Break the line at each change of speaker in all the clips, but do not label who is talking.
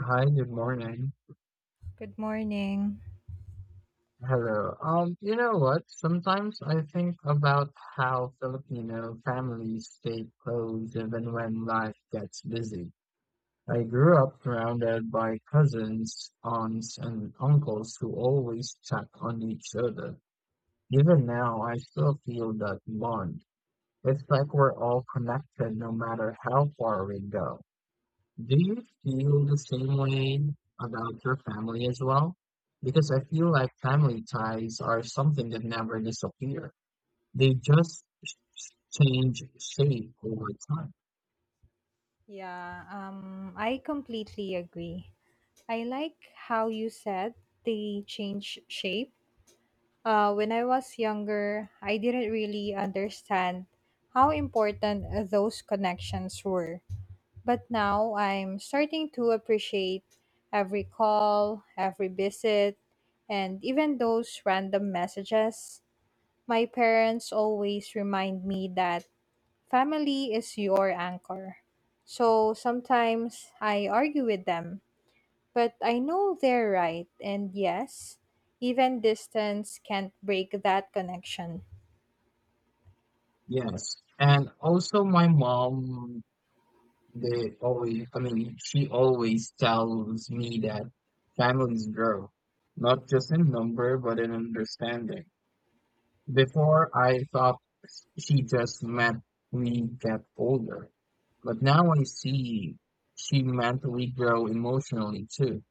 Hi, good morning.
Good morning.
Hello. You know what? Sometimes I think about how Filipino families stay close even when life gets busy. I grew up surrounded by cousins, aunts, and uncles who always check on each other. Even now, I still feel that bond. It's like we're all connected no matter how far we go. Do you feel the same way about your family as well? Because I feel like family ties are something that never disappear. They just change shape over time.
Yeah, I completely agree. I like how you said they change shape. When I was younger, I didn't really understand how important those connections were. But now I'm starting to appreciate every call, every visit, and even those random messages. My parents always remind me that family is your anchor. So sometimes I argue with them, but I know they're right. And yes, even distance can't break that connection.
Yes. And also my mom, they always, I mean, she always tells me that families grow, not just in number, but in understanding. Before I thought she just meant we get older, but now I see she meant we grow emotionally too.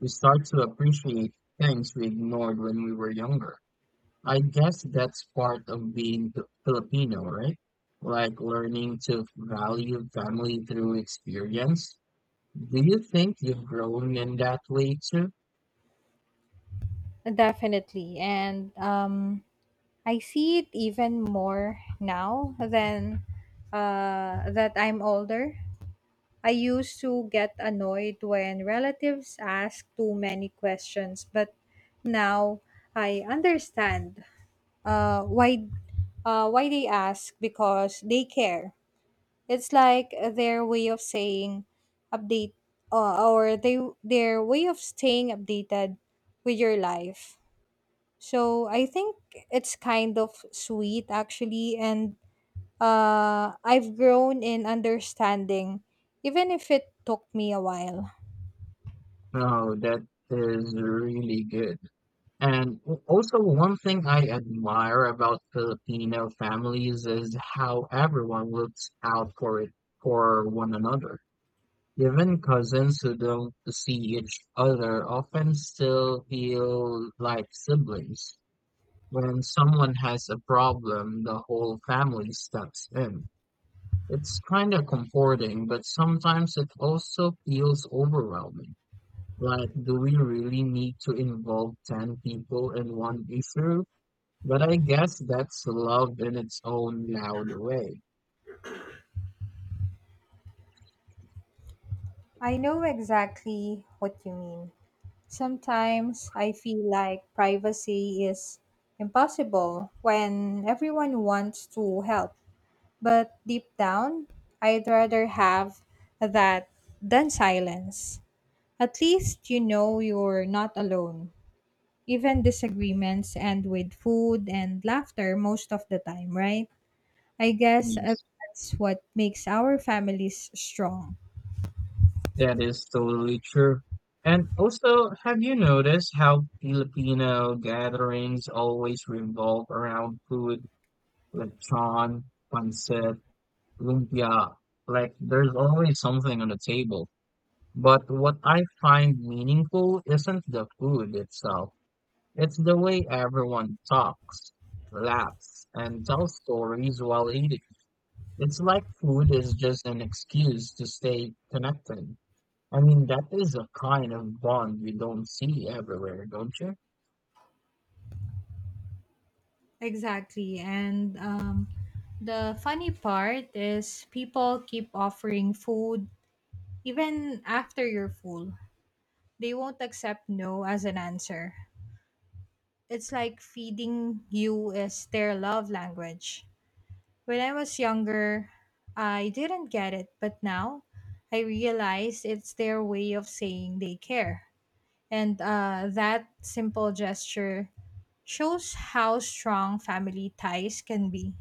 We start to appreciate things we ignored when we were younger. I guess that's part of being Filipino, right? Like learning to value family through experience. Do you think you've grown in that way too?
Definitely. And I see it even more now than that I'm older. I used to get annoyed when relatives ask too many questions, but now I understand. Uh, why? Why they ask? Because they care. It's like their way of saying update, or they their way of staying updated with your life. So I think it's kind of sweet actually, and I've grown in understanding, even if it took me a while.
Oh, that is really good. And a also one thing I admire about Filipino families is how everyone looks out for one another. Even cousins who don't see each other often still feel like siblings. When someone has a problem, the whole family steps in. It's kind of comforting, but sometimes it also feels overwhelming. Like, do we really need to involve 10 people in one issue? But I guess that's love in its own loud way.
I know exactly what you mean. Sometimes I feel like privacy is impossible when everyone wants to help. But deep down, I'd rather have that than silence. At least you know you're not alone. Even disagreements end with food and laughter most of the time, right? I guess
Yes.
that's what makes our families strong.
That is totally true. And also, have you noticed how Filipino gatherings always revolve around food, lechon, pancit, lumpia? Like, there's always something on the table. But what I find meaningful isn't the food itself, it's the way everyone talks, laughs, and tells stories while eating. It's like food is just an excuse to stay connected. I mean, that is a kind of bond we don't see everywhere, don't you?
Exactly. And The funny part is people keep offering food even after you're full. They won't accept no as an answer. It's like feeding you is their love language. When I was younger, I didn't get it, but now I realize it's their way of saying they care. And that simple gesture shows how strong family ties can be.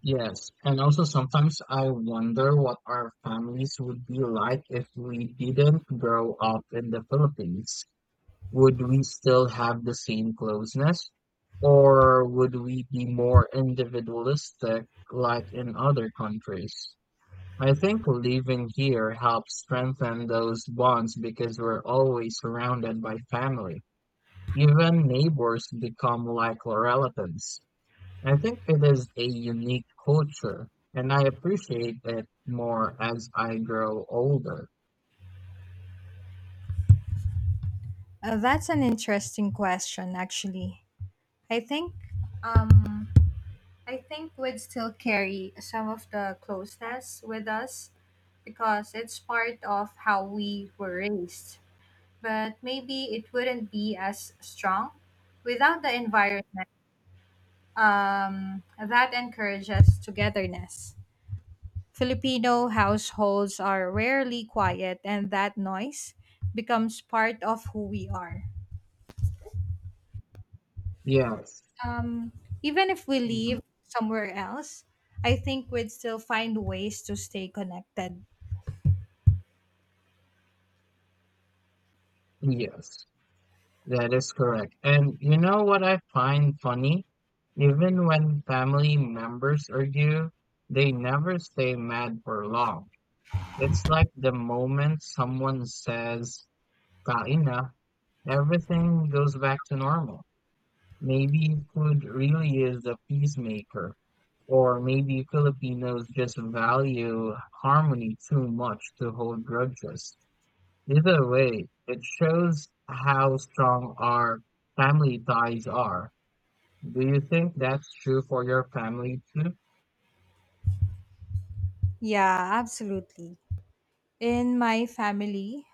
Yes, and also sometimes I wonder what our families would be like if we didn't grow up in the Philippines. Would we still have the same closeness? Or would we be more individualistic like in other countries? I think living here helps strengthen those bonds because we're always surrounded by family. Even neighbors become like relatives. I think it is a unique culture, and I appreciate it more as I grow older.
That's an interesting question, actually. I think um, I think we'd still carry some of the closeness with us because it's part of how we were raised. But maybe it wouldn't be as strong without the environment that encourages togetherness. Filipino households are rarely quiet, and that noise becomes part of who we are.
Yes,
um, Even if we
mhm,
leave somewhere else, I think we'd still find ways to stay connected.
yes, that is correct. And you know what I find funny? Even when family members argue, they never stay mad for long. It's like the moment someone says, Kaina, everything goes back to normal. Maybe food really is a peacemaker. Or maybe Filipinos just value harmony too much to hold grudges. Either way, it shows how strong our family ties are. Do you think that's true for your family too?
Yeah, absolutely. In my family,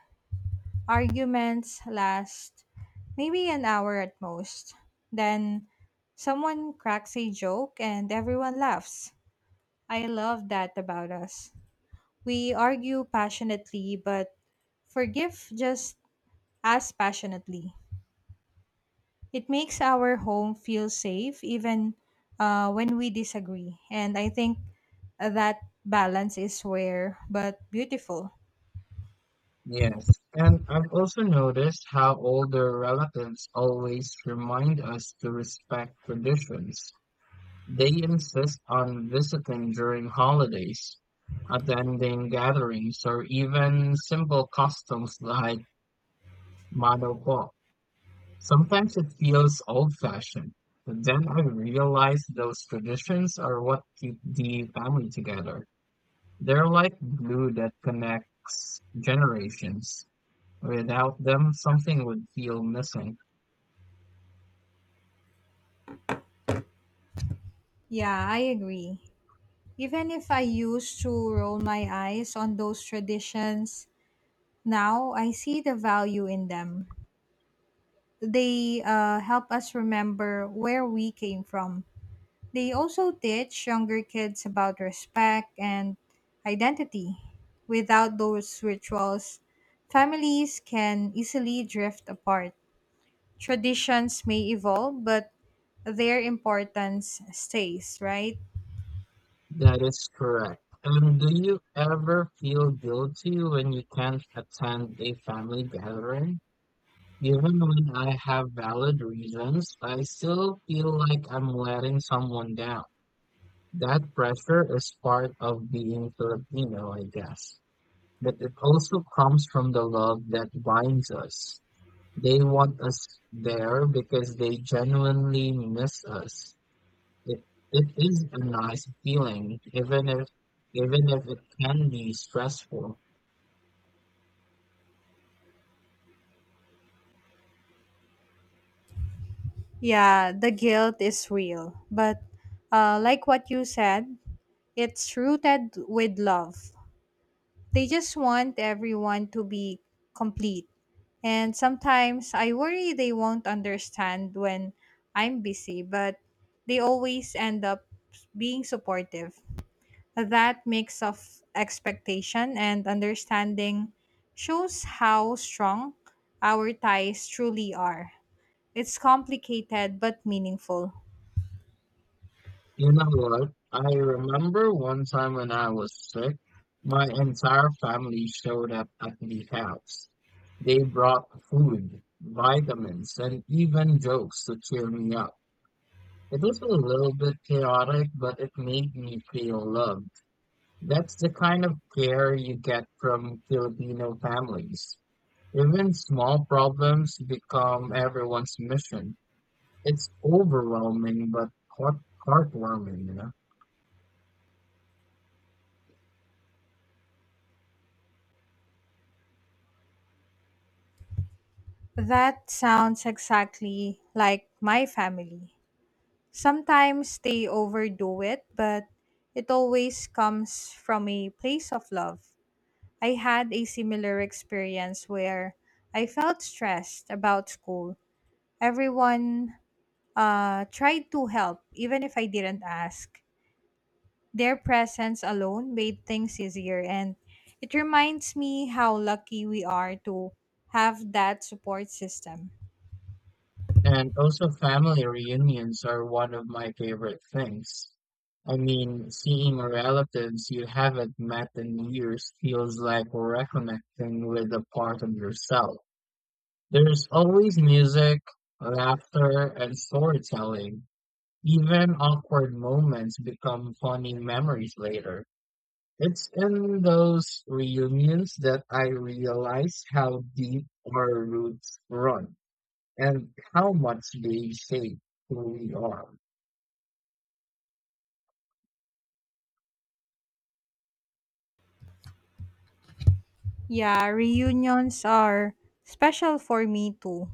arguments last maybe an hour at most. Then someone cracks a joke and everyone laughs. I love that about us. We argue passionately, but forgive just as passionately. It makes our home feel safe even when we disagree. And I think that balance is rare but beautiful.
Yes, and I've also noticed how older relatives always remind us to respect traditions. They insist on visiting during holidays, attending gatherings, or even simple customs like Madoko. Sometimes it feels old-fashioned, but then I realize those traditions are what keep the family together. They're like glue that connects generations. Without them, something would feel missing.
Yeah, I agree. Even if I used to roll my eyes on those traditions, now I see the value in them. They help us remember where we came from. They also teach younger kids about respect and identity. Without those rituals, families can easily drift apart. Traditions may evolve, but their importance stays, right?
That is correct. And do you ever feel guilty when you can't attend a family gathering? Even when I have valid reasons, I still feel like I'm letting someone down. That pressure is part of being Filipino, I guess. But it also comes from the love that binds us. They want us there because they genuinely miss us. It, it is a nice feeling, even if it can be stressful.
Yeah, the guilt is real. But like what you said, it's rooted with love. They just want everyone to be complete. And sometimes I worry they won't understand when I'm busy, but they always end up being supportive. That mix of expectation and understanding shows how strong our ties truly are. It's complicated but meaningful.
You know what? I remember one time when I was sick, my entire family showed up at the house. They brought food, vitamins, and even jokes to cheer me up. It was a little bit chaotic, but it made me feel loved. That's the kind of care you get from Filipino families. Even small problems become everyone's mission. It's overwhelming but heart heartwarming, you know.
That sounds exactly like my family. Sometimes they overdo it, but it always comes from a place of love. I had a similar experience where I felt stressed about school. Everyone tried to help, even if I didn't ask. Their presence alone made things easier, and it reminds me how lucky we are to have that support system.
And also family reunions are one of my favorite things. I mean, seeing relatives you haven't met in years feels like reconnecting with a part of yourself. There's always music, laughter, and storytelling. Even awkward moments become funny memories later. It's in those reunions that I realize how deep our roots run and how much they shape who we are.
Yeah, reunions are special for me too.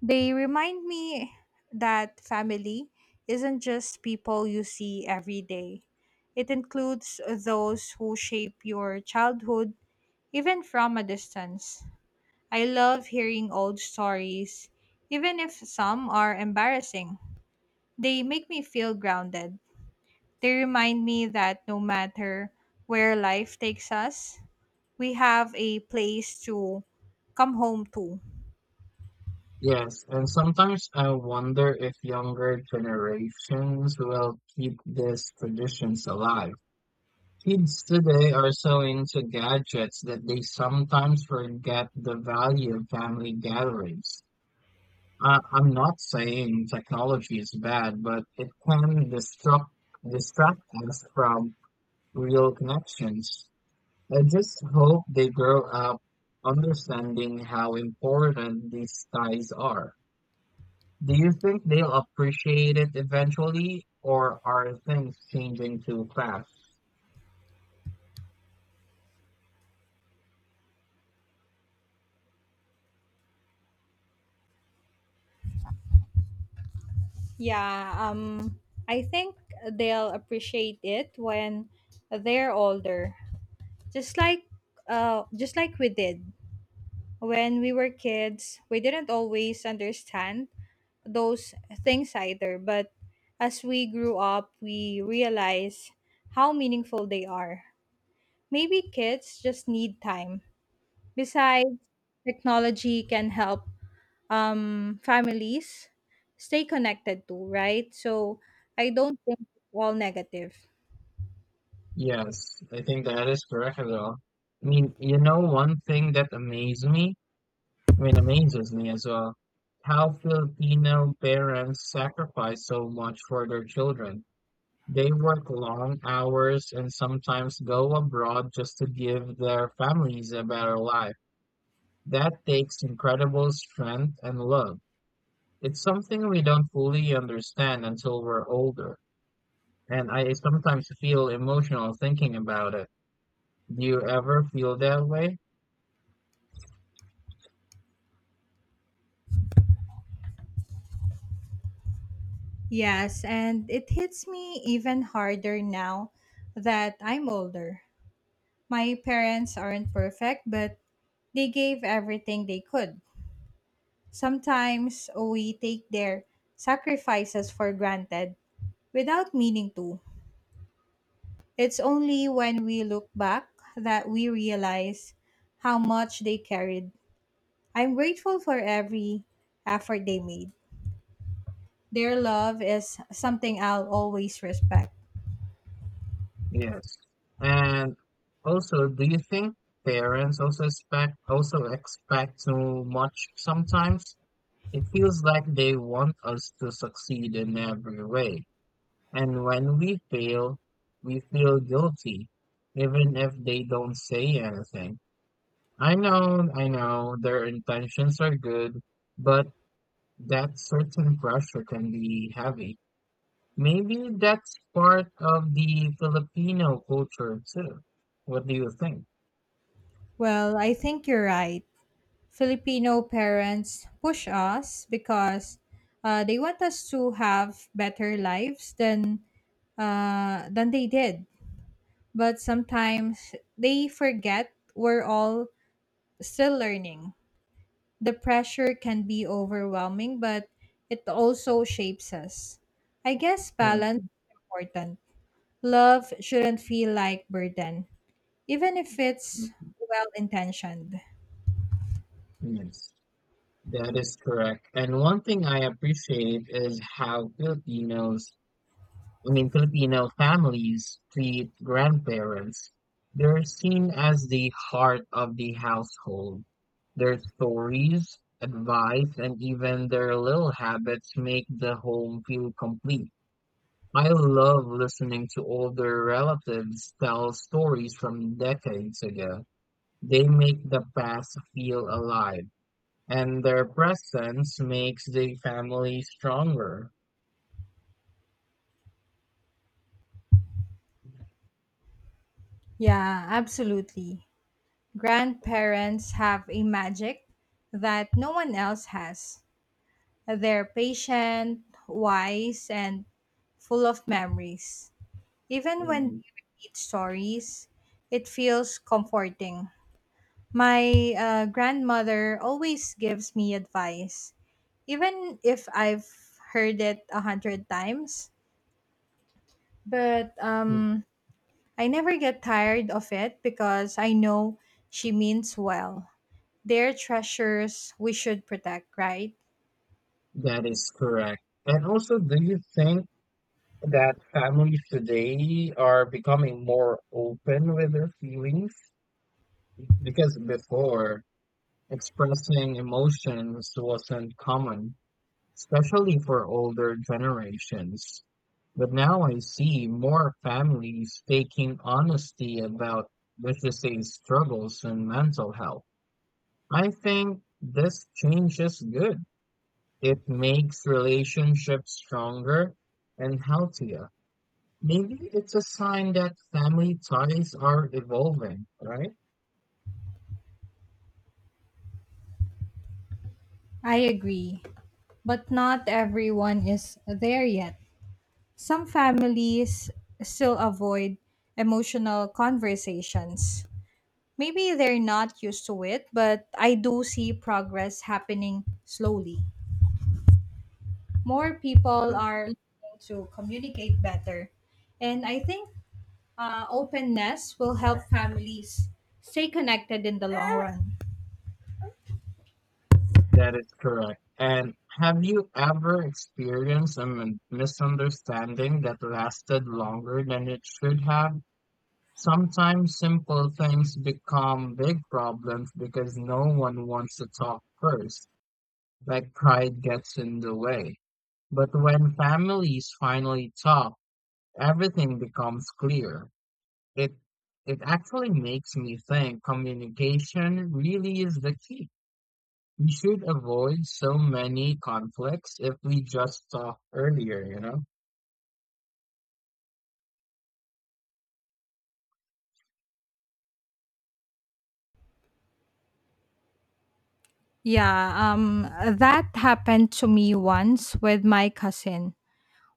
They remind me that family isn't just people you see every day. It includes those who shape your childhood, even from a distance. I love hearing old stories, even if some are embarrassing. They make me feel grounded. They remind me that no matter where life takes us, we have a place to come home to.
Yes, and sometimes I wonder if younger generations will keep these traditions alive. Kids today are so into gadgets that they sometimes forget the value of family gatherings. I'm not saying technology is bad, but it can disrupt distract us from real connections. I just hope they grow up understanding how important these ties are. Do you think they'll appreciate it eventually, or are things changing too fast?
Yeah, um, I think they'll appreciate it when they're older. Just like, just like we did when we were kids. We didn't always understand those things either, but as we grew up, we realize how meaningful they are. Maybe kids just need time. Besides, technology can help families stay connected to, right? So I don't think it's all negative.
Yes, I think that is correct as well. I mean, you know, one thing that amazed me I mean, amazes me as well how Filipino parents sacrifice so much for their children. They work long hours and sometimes go abroad just to give their families a better life. That takes incredible strength and love. It's something we don't fully understand until we're older, and I sometimes feel emotional thinking about it. Do you ever feel that way?
Yes, and it hits me even harder now that I'm older. My parents aren't perfect, but they gave everything they could. Sometimes we take their sacrifices for granted without meaning to. It's only when we look back that we realize how much they carried. I'm grateful for every effort they made. Their love is something I'll always respect.
Yes. And also, do you think parents also expect too much sometimes? It feels like they want us to succeed in every way. And when we fail, we feel guilty, even if they don't say anything. I know, their intentions are good, but that certain pressure can be heavy. Maybe that's part of the Filipino culture too. What do you think?
Well, I think you're right. Filipino parents push us because they want us to have better lives than they did. But sometimes they forget we're all still learning. The pressure can be overwhelming, but it also shapes us. I guess balance
Mhm,
is important. Love shouldn't feel like burden, even if it's
mhm.
well intentioned.
Yes, that is correct. And one thing I appreciate is how Filipino families treat grandparents. They're seen as the heart of the household. Their stories, advice, and even their little habits make the home feel complete. I love listening to older relatives tell stories from decades ago. They make the past feel alive, and their presence makes the family stronger.
Yeah, absolutely. Grandparents have a magic that no one else has. They're patient, wise, and full of memories. Even when
Mm,
they repeat stories, it feels comforting. My grandmother always gives me advice, even if I've heard it a hundred times. But I never get tired of it because I know she means well. They're treasures we should protect, right?
that is correct. And also, do you think that families today are becoming more open with their feelings? Because before, expressing emotions wasn't common, especially for older generations. But now I see more families taking honesty about vicious struggles and mental health. I think this change is good. It makes relationships stronger and healthier. Maybe it's a sign that family ties are evolving, right?
I agree. But not everyone is there yet. Some families still avoid emotional conversations. Maybe they're not used to it, but I do see progress happening slowly. More people are learning to communicate better. And I think openness will help families stay connected in the long run.
That is correct. And have you ever experienced a misunderstanding that lasted longer than it should have? Sometimes simple things become big problems because no one wants to talk first, like pride gets in the way. But when families finally talk, everything becomes clear. It it actually makes me think communication really is the key. We should avoid so many conflicts if we just talk earlier, you know?
Yeah, that happened to me once with my cousin.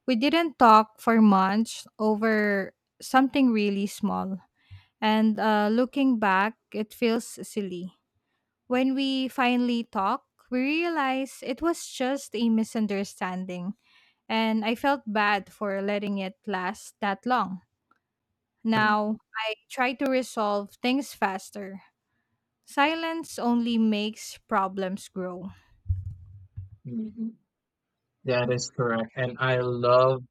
We didn't talk for months over something really small. And looking back, it feels silly. When we finally talk, we realize it was just a misunderstanding. And I felt bad for letting it last that long.
Mm,
Now, I try to resolve things faster. Silence only makes problems grow.
mhm. That is correct. And I love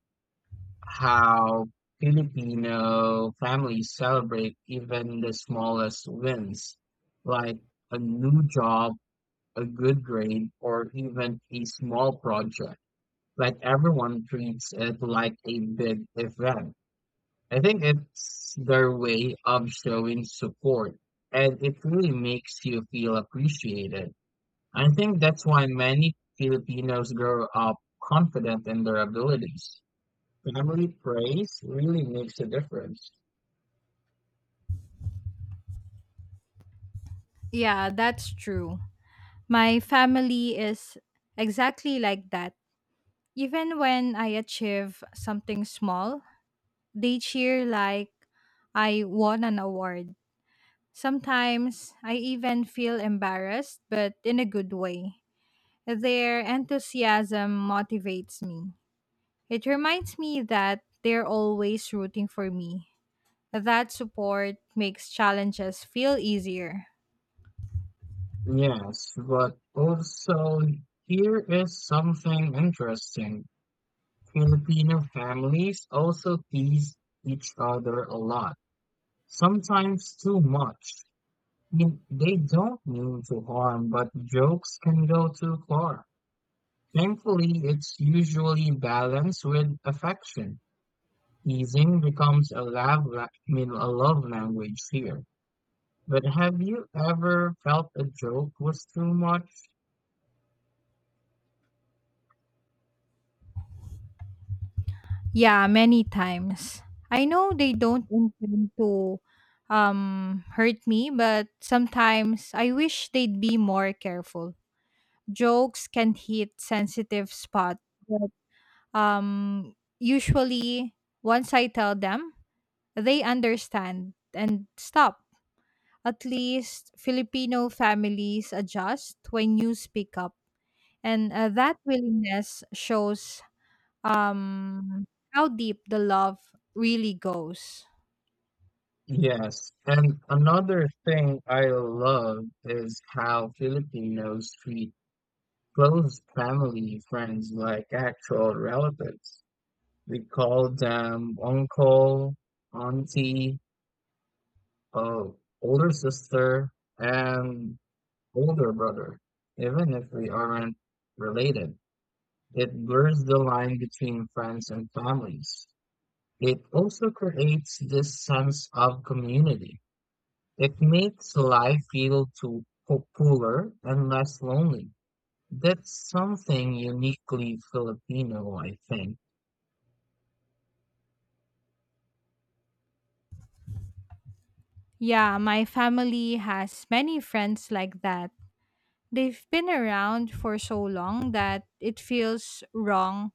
how Filipino families celebrate even the smallest wins, like a new job, a good grade, or even a small project. Like everyone treats it like a big event. I think it's their way of showing support, and it really makes you feel appreciated. I think that's why many Filipinos grow up confident in their abilities. Family praise really makes a difference.
Yeah, that's true. My family is exactly like that. Even when I achieve something small, they cheer like I won an award. Sometimes I even feel embarrassed, but in a good way. Their enthusiasm motivates me. It reminds me that they're always rooting for me. That support makes challenges feel easier.
Yes, but also here is something interesting. Filipino families also tease each other a lot, sometimes too much. They don't mean to harm, but jokes can go too far. Thankfully, it's usually balanced with affection. Teasing becomes a love, la- I mean, a love language here. But have you ever felt a joke was too much?
Yeah, many times. I know they don't intend to hurt me, but sometimes I wish they'd be more careful. Jokes can hit sensitive spots, but usually once I tell them, they understand and stop. At least Filipino families adjust when you speak up, and that willingness shows um how deep the love really goes.
Yes. And another thing I love is how Filipinos treat close family friends like actual relatives. We called them uncle, auntie, uh, older sister, and older brother, even if we aren't related. It blurs the line between friends and families. It also creates this sense of community. It makes life feel too fuller and less lonely. That's something uniquely Filipino, I think.
Yeah, my family has many friends like that. They've been around for so long that it feels wrong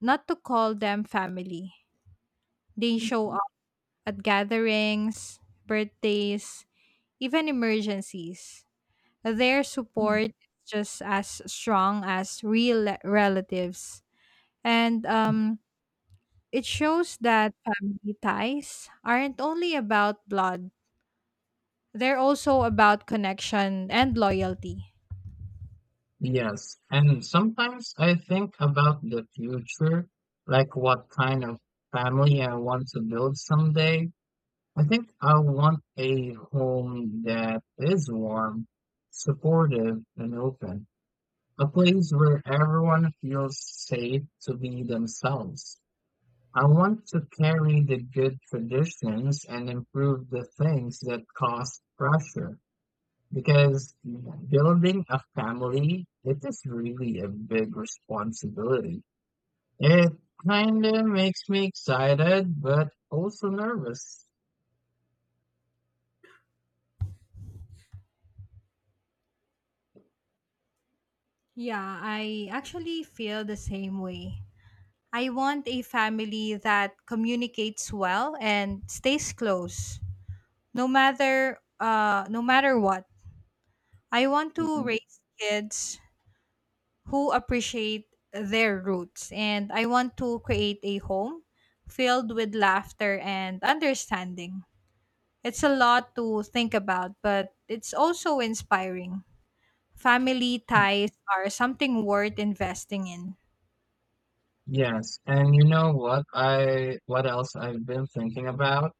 not to call them family. They show up at gatherings, birthdays, even emergencies. Their
Mhm.
support is just as strong as real relatives. And It shows that family ties aren't only about blood, they're also about connection and loyalty.
Yes, and sometimes I think about the future, like what kind of family I want to build someday. I think I want a home that is warm, supportive, and open, a place where everyone feels safe to be themselves. I want to carry the good traditions and improve the things that cause pressure. Because building a family, it is really a big responsibility. It kind of makes me excited, but also nervous.
Yeah, I actually feel the same way. I want a family that communicates well and stays close, no matter what. I want to
Mhm.
raise kids who appreciate their roots, and I want to create a home filled with laughter and understanding. It's a lot to think about, but it's also inspiring. Family ties are something worth investing in.
Yes, and you know what I what else I've been thinking about?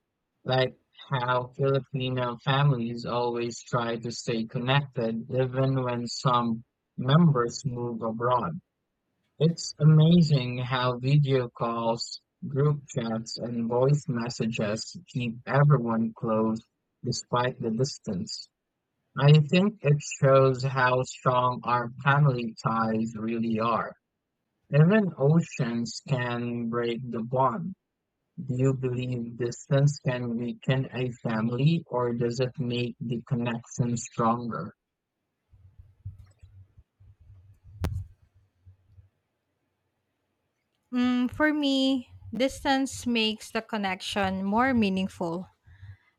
Like how Filipino families always try to stay connected even when some members move abroad. It's amazing how video calls, group chats, and voice messages keep everyone close despite the distance. I think it shows how strong our family ties really are. Even oceans can break the bond. Do you believe distance can weaken a family, or does it make the connection stronger?
Mm, for me, distance makes the connection more meaningful.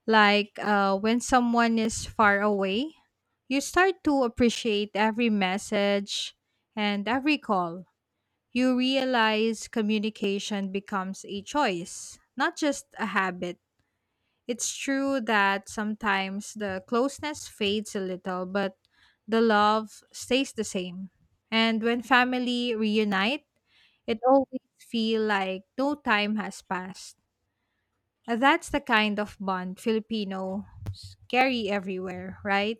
Like when someone is far away, you start to appreciate every message and every call. You realize communication becomes a choice, not just a habit. It's true that sometimes the closeness fades a little, but the love stays the same. And when family reunite, it always feel like no time has passed. And that's the kind of bond Filipinos carry everywhere, right?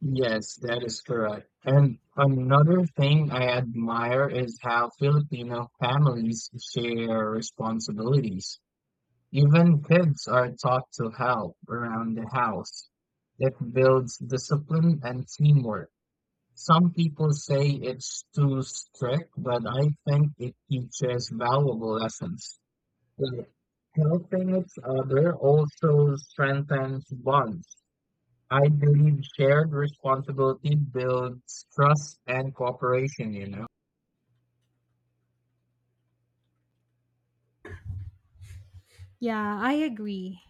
Yes, that is correct. And another thing I admire is how Filipino families share responsibilities. Even kids are taught to help around the house. It builds discipline and teamwork. Some people say it's too strict, but I think it teaches valuable lessons. Like, helping each other also strengthens bonds. I believe shared responsibility builds trust and cooperation, you know?
Yeah, I agree.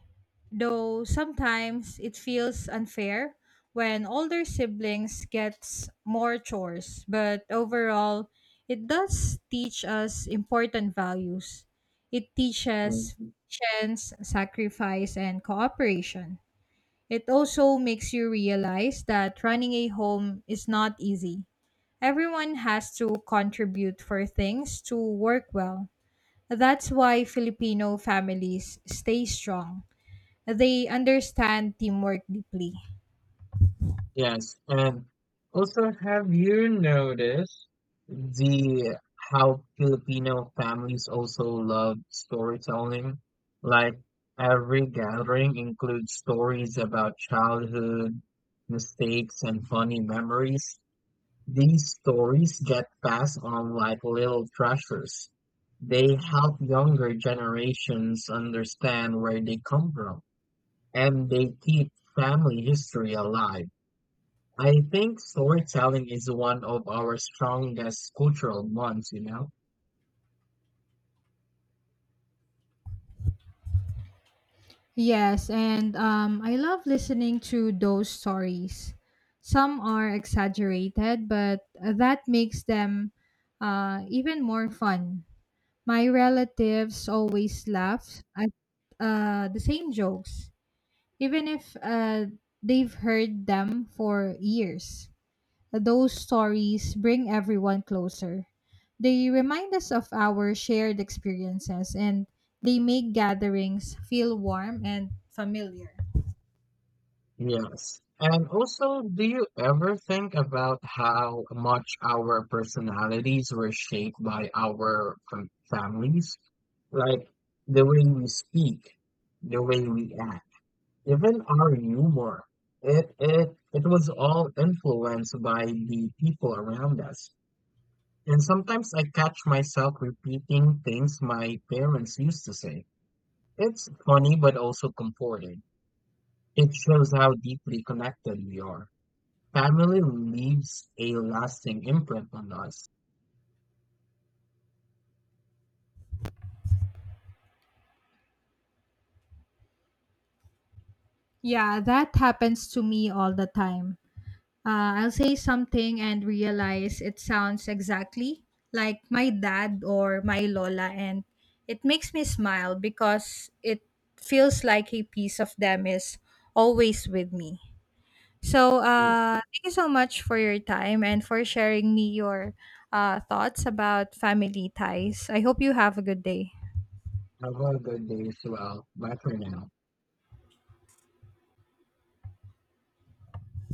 Though sometimes it feels unfair when older siblings gets more chores, but overall it does teach us important values. It teaches
Mhm.
patience, sacrifice, and cooperation. It also makes you realize that running a home is not easy. Everyone has to contribute for things to work well. That's why Filipino families stay strong. They understand teamwork deeply.
Yes. And also, have you noticed the how Filipino families also love storytelling? Like every gathering includes stories about childhood, mistakes, and funny memories. These stories get passed on like little treasures. They help younger generations understand where they come from, and they keep family history alive. I think storytelling is one of our strongest cultural bonds, you know?
Yes, and I love listening to those stories. Some are exaggerated, but that makes them even more fun. My relatives always laugh at the same jokes, even if they've heard them for years. Those stories bring everyone closer. They remind us of our shared experiences, and they make gatherings feel warm and familiar.
Yes. And also, do you ever think about how much our personalities were shaped by our families? Like the way we speak, the way we act, even our humor. It was all influenced by the people around us. And sometimes I catch myself repeating things my parents used to say. It's funny but also comforting. It shows how deeply connected we are. Family leaves a lasting imprint on us.
Yeah, that happens to me all the time. I'll say something and realize it sounds exactly like my dad or my Lola, and it makes me smile because it feels like a piece of them is always with me. So,
Yeah.
thank you so much for your time and for sharing me your thoughts about family ties. I hope you have a good day.
Have a good day as well. Bye for now.